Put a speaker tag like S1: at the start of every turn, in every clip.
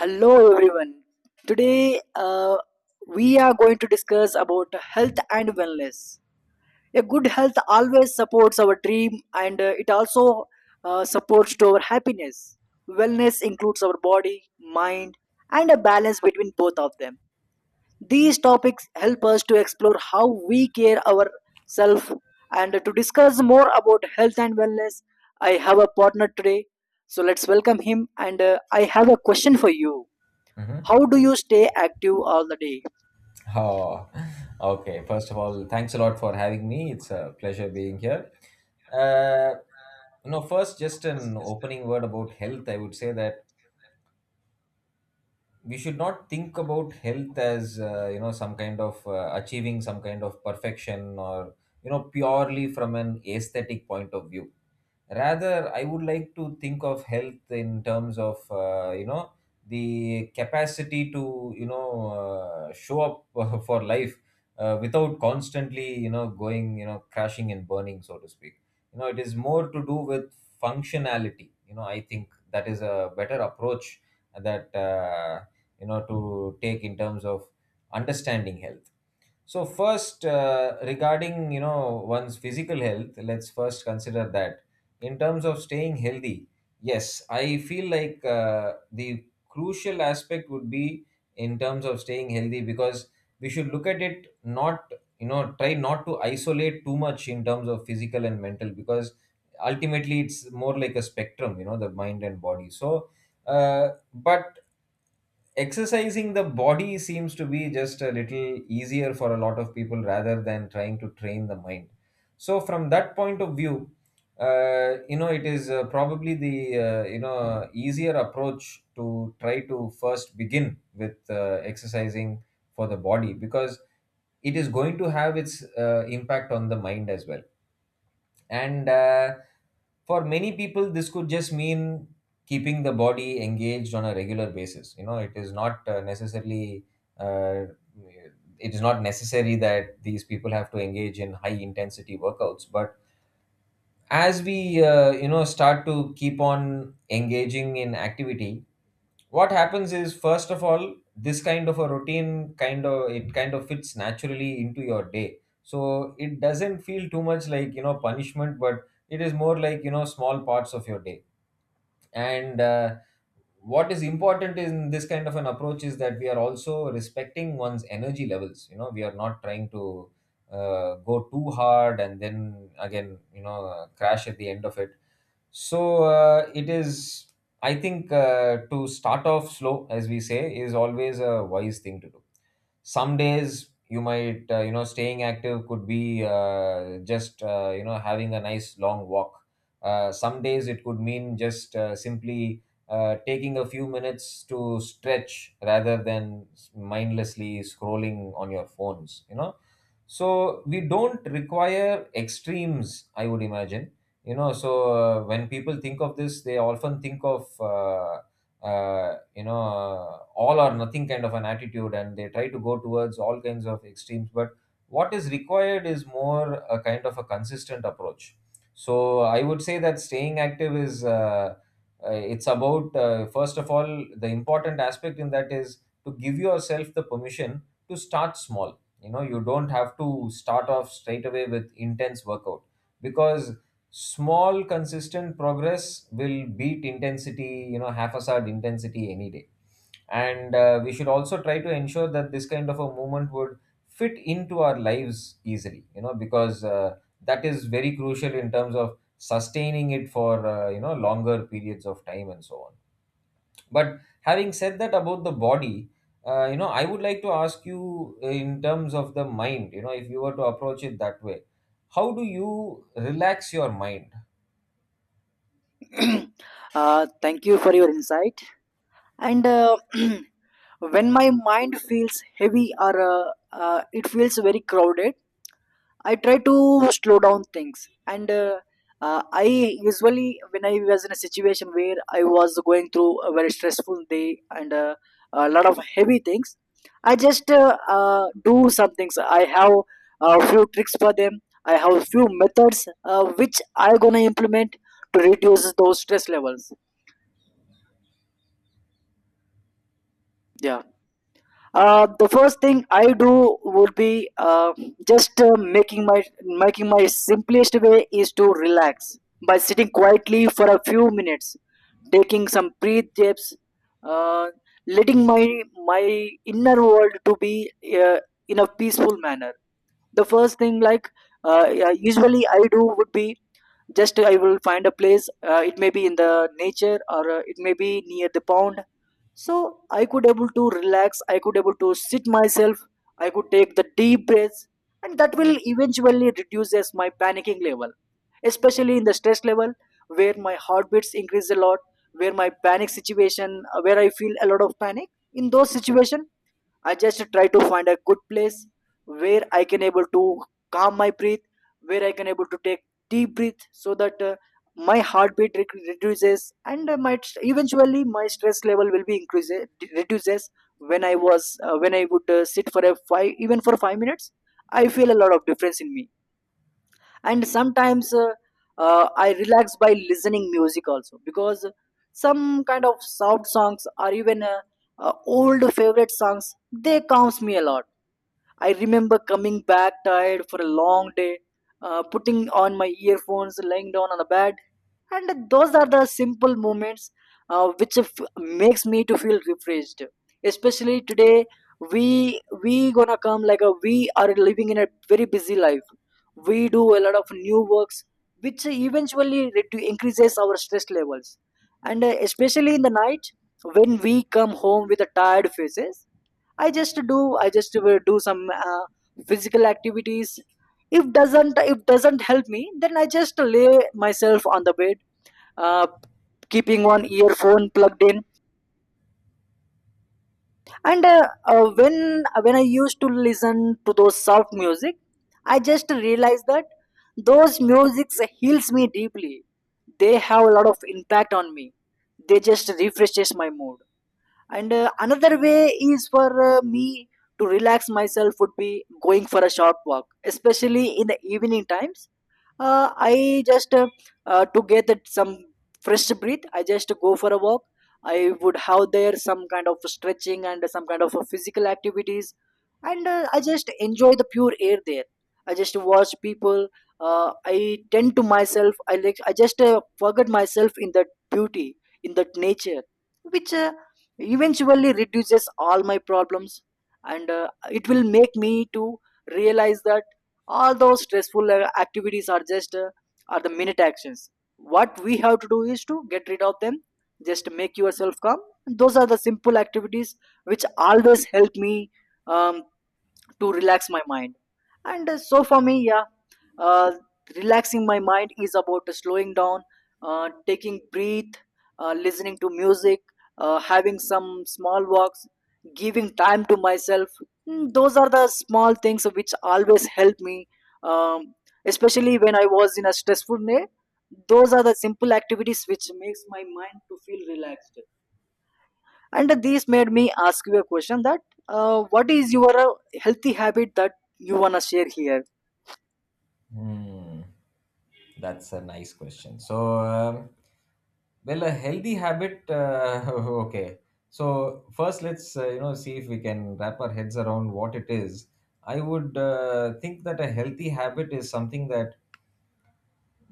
S1: Hello everyone. Today we are going to discuss about health and wellness. A good health always supports our dream and it also supports to our happiness. Wellness includes our body, mind and a balance between both of them. These topics help us to explore how we care ourselves and to discuss more about health and wellness. I have a partner today. So let's welcome him and I have a question for you.
S2: Mm-hmm.
S1: How do you stay active all the day?
S2: Oh, okay. First of all, thanks a lot for having me. It's a pleasure being here. Uh, no. First, just an opening word about health. I would say that we should not think about health as some kind of achieving some kind of perfection or purely from an aesthetic point of view. Rather, I would like to think of health in terms of the capacity to show up for life without constantly going, crashing and burning, so to speak. You know, it is more to do with functionality. You know, I think that is a better approach that to take in terms of understanding health. So first, regarding, you know, one's physical health, let's first consider that in terms of staying healthy. Yes, I feel like the crucial aspect would be in terms of staying healthy, because we should look at it not, you know, try not to isolate too much in terms of physical and mental, because ultimately it's more like a spectrum, you know, the mind and body. So uh, but exercising the body seems to be just a little easier for a lot of people rather than trying to train the mind. So from that point of view, you know, it is probably the you know, easier approach to try to first begin with exercising for the body, because it is going to have its impact on the mind as well. And uh, for many people this could just mean keeping the body engaged on a regular basis. You know, it is not uh, necessary that these people have to engage in high intensity workouts. But as we, you know, start to keep on engaging in activity, what happens is, first of all, this kind of a routine kind of, it kind of fits naturally into your day, so it doesn't feel too much like, you know, punishment, but it is more like, you know, small parts of your day. And uh, what is important in this kind of an approach is that we are also respecting one's energy levels. You know, we are not trying to go too hard and then again, you know, crash at the end of it. So it is, I think, to start off slow, as we say, is always a wise thing to do. Some days you might, you know, staying active could be just, you know, having a nice long walk. Some days it could mean just simply taking a few minutes to stretch rather than mindlessly scrolling on your phones, you know. So we don't require extremes, I would imagine. You know, so when people think of this, they often think of you know, all or nothing kind of an attitude, and they try to go towards all kinds of extremes. But what is required is more a kind of a consistent approach. So I would say that staying active is it's about, first of all, the important aspect in that is to give yourself the permission to start small. You know, you don't have to start off straight away with intense workout, because small consistent progress will beat intensity, you know, half assad intensity any day. And we should also try to ensure that this kind of a movement would fit into our lives easily, you know, because that is very crucial in terms of sustaining it for, you know, longer periods of time and so on. But having said that about the body, you know, I would like to ask you, in terms of the mind, you know, if you were to approach it that way, how do you relax your mind?
S1: Thank you for your insight. And when my mind feels heavy or it feels very crowded, I try to slow down things, and I usually when I was in a situation where I was going through a very stressful day and a lot of heavy things, I just do some things. I have a few tricks for them. I have a few methods which I gonna implement to reduce those stress levels. Yeah. The first thing I do would be just making my simplest way is to relax by sitting quietly for a few minutes, taking some breath dips, uh, letting my inner world to be in a peaceful manner. The first thing like yeah, usually I do would be just I will find a place. It may be in the nature or it may be near the pond so I could able to relax I could able to sit myself I could take the deep breaths and that will eventually reduces my panicking level, especially in the stress level where my heartbeats increase a lot, where my panic situation where I feel a lot of panic in those situations. I just try to find a good place where I can able to calm my breath, where I can able to take deep breath so that my heartbeat reduces and eventually my stress level will be increases reduces when I was when I would sit for a five even for five minutes. I feel a lot of difference in me, and sometimes I relax by listening music also because some kind of soft songs or even old favorite songs they calms me a lot. I remember coming back tired for a long day, putting on my earphones, lying down on the bed, and those are the simple moments uh, which f- makes me to feel refreshed. Especially today, we gonna come like a we are living in a very busy life. We do a lot of new works, which eventually increases our stress levels, and especially in the night when we come home with a tired faces, I just will do some physical activities. If doesn't help me, then I just lay myself on the bed, uh, keeping one earphone plugged in, and uh, when when I used to listen to those soft music, I just realized that those musics heals me deeply. They have a lot of impact on me. They just refreshes my mood. And another way is for me to relax myself would be going for a short walk, especially in the evening times. I just To get that some fresh breath, I just go for a walk. I would have there some kind of stretching and some kind of physical activities, and I just enjoy the pure air there. I just watch people. I tend to myself. I like. I just forget myself in that beauty, in that nature, which eventually reduces all my problems, and it will make me to realize that all those stressful activities are just are the minute actions. What we have to do is to get rid of them, just make yourself calm. Those are the simple activities which always help me um, to relax my mind. And so for me, yeah uh, relaxing my mind is about slowing down, taking breath, listening to music, having some small walks, giving time to myself. Mm, those are the small things which always help me, um, especially when I was in a stressful day. Those are the simple activities which makes my mind to feel relaxed. And this made me ask you a question that what is your healthy habit that you want to share here.
S2: Hmm, that's a nice question. So, well, a healthy habit. Okay. So first, let's, you know, see if we can wrap our heads around what it is. I would think that a healthy habit is something that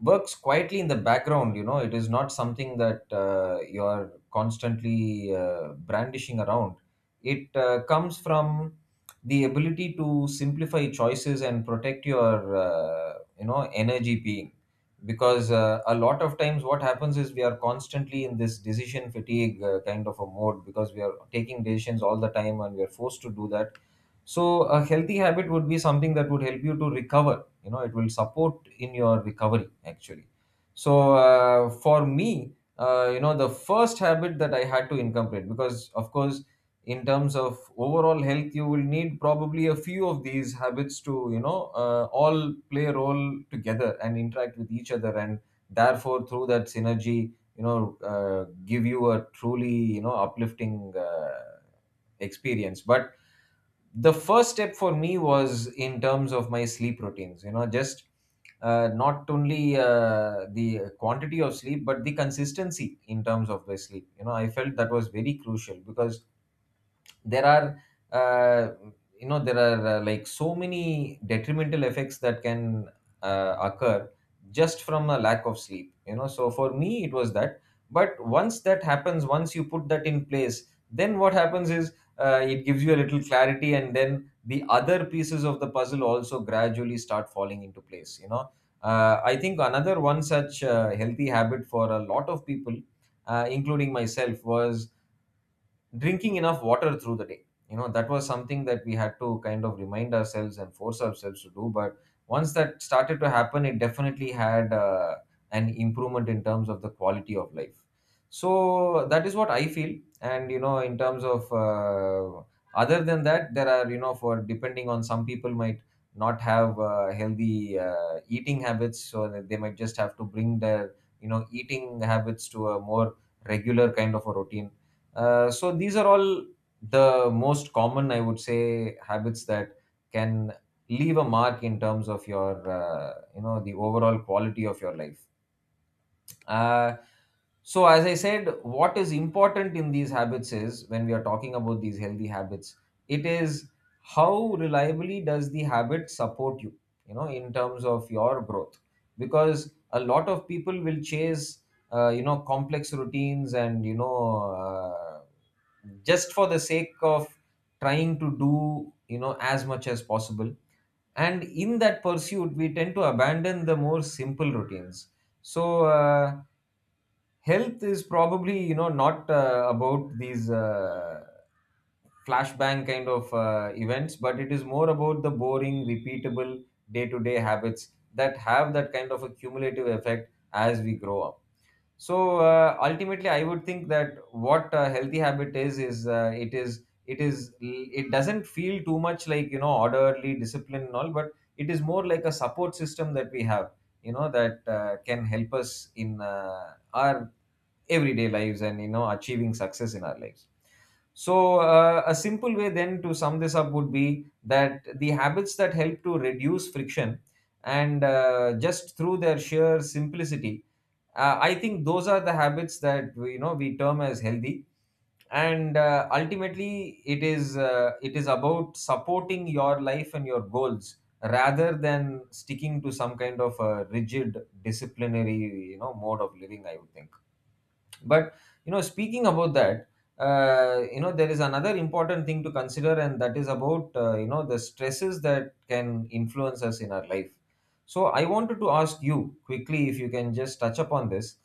S2: works quietly in the background. You know, it is not something that you are constantly brandishing around. It comes from the ability to simplify choices and protect your, you know, energy being. Because a lot of times what happens is we are constantly in this decision fatigue, kind of a mode, because we are taking decisions all the time and we are forced to do that. So a healthy habit would be something that would help you to recover. You know, it will support in your recovery actually. So for me, you know, the first habit that I had to incorporate, because of course in terms of overall health, you will need probably a few of these habits to, you know, all play a role together and interact with each other, and therefore through that synergy, you know, give you a truly, you know, uplifting experience. But the first step for me was in terms of my sleep routines, you know, just not only the quantity of sleep, but the consistency in terms of the sleep. You know, I felt that was very crucial, because there are uh, there are like so many detrimental effects that can occur just from a lack of sleep. You know, so for me it was that. But once that happens, once you put that in place, then what happens is it gives you a little clarity, and then the other pieces of the puzzle also gradually start falling into place, you know. I think another one such healthy habit for a lot of people, including myself, was drinking enough water through the day. You know, that was something that we had to kind of remind ourselves and force ourselves to do. But once that started to happen, it definitely had an improvement in terms of the quality of life. So that is what I feel. And you know, in terms of, other than that, there are, you know, for depending on, some people might not have healthy eating habits, so that they might just have to bring their, you know, eating habits to a more regular kind of a routine. So these are all the most common, I would say, habits that can leave a mark in terms of your, you know, the overall quality of your life. Uh, so as I said, what is important in these habits is, when we are talking about these healthy habits, it is how reliably does the habit support you, you know, in terms of your growth. Because a lot of people will chase, you know, complex routines, and you know, uh, just for the sake of trying to do, you know, as much as possible, and in that pursuit we tend to abandon the more simple routines. So health is probably, you know, not about these flashbang kind of events, but it is more about the boring repeatable day-to-day habits that have that kind of a cumulative effect as we grow up. So ultimately I would think that what a healthy habit is it doesn't feel too much like, you know, orderly discipline and all, but it is more like a support system that we have, you know, that can help us in our everyday lives and, you know, achieving success in our lives. So, a simple way then to sum this up would be that the habits that help to reduce friction and, just through their sheer simplicity, I think those are the habits that we- you know we term as healthy. And ultimately, it is about supporting your life and your goals rather than sticking to some kind of a rigid disciplinary, you know, mode of living, I would think. But you know, speaking about that, you know, there is another important thing to consider, and that is about, you know, the stresses that can influence us in our life. So I wanted to ask you quickly, if you can just touch upon this,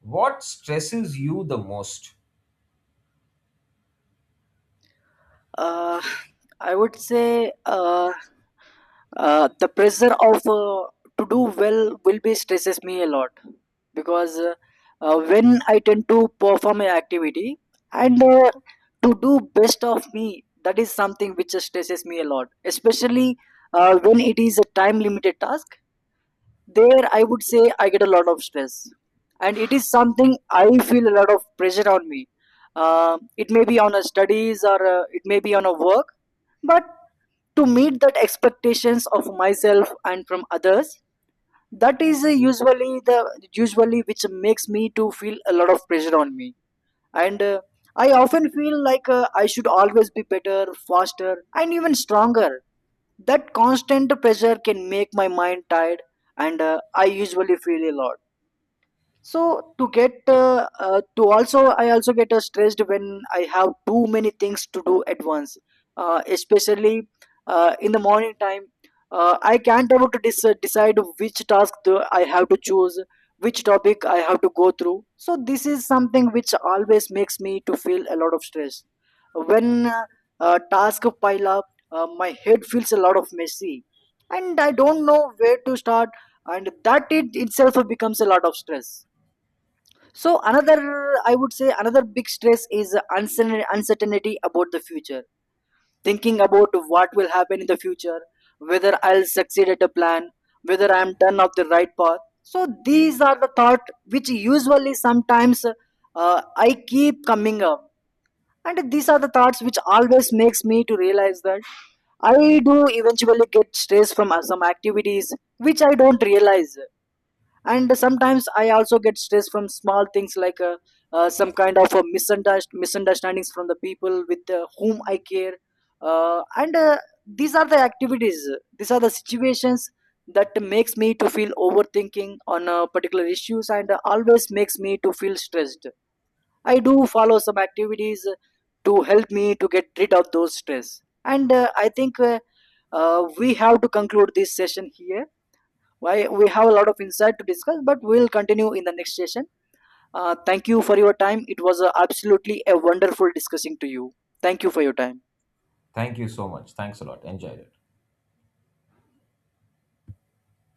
S2: what stresses you the most?
S1: Uh, I would say The pressure of to do well will be stresses me a lot, because when I tend to perform an activity and to do best of me, that is something which stresses me a lot, especially when it is a time limited task. There I would say I get a lot of stress, and it is something I feel a lot of pressure on me. Um, it may be on a studies or it may be on a work, but to meet that expectations of myself and from others, that is usually which makes me to feel a lot of pressure on me. And I often feel like I should always be better, faster and even stronger. That constant pressure can make my mind tired, and I usually feel a lot. So to get to also I also get stressed when I have too many things to do at once, especially in the morning time. Uh, I can't able to decide which task do I have to choose, which topic I have to go through. So this is something which always makes me to feel a lot of stress. When tasks pile up, my head feels a lot of messy and I don't know where to start, and that it itself becomes a lot of stress. So another, I would say, another big stress is uncertainty about the future. Thinking about what will happen in the future, whether I'll succeed at a plan, whether I'm done off the right path. So these are the thought which usually sometimes I keep coming up, and these are the thoughts which always makes me to realize that I do eventually get stress from some activities which I don't realize. And sometimes I also get stressed from small things like some kind of misunderstandings from the people with whom I care, and these are the activities, these are the situations that makes me to feel overthinking on particular issues, and always makes me to feel stressed. I do follow some activities to help me to get rid of those stress. And i think we have to conclude this session here, why we have a lot of insight to discuss, but we'll continue in the next session. Thank you for your time. It was absolutely a wonderful discussing to you. Thank you for your time.
S2: Thank you so much. Thanks a lot. Enjoyed it.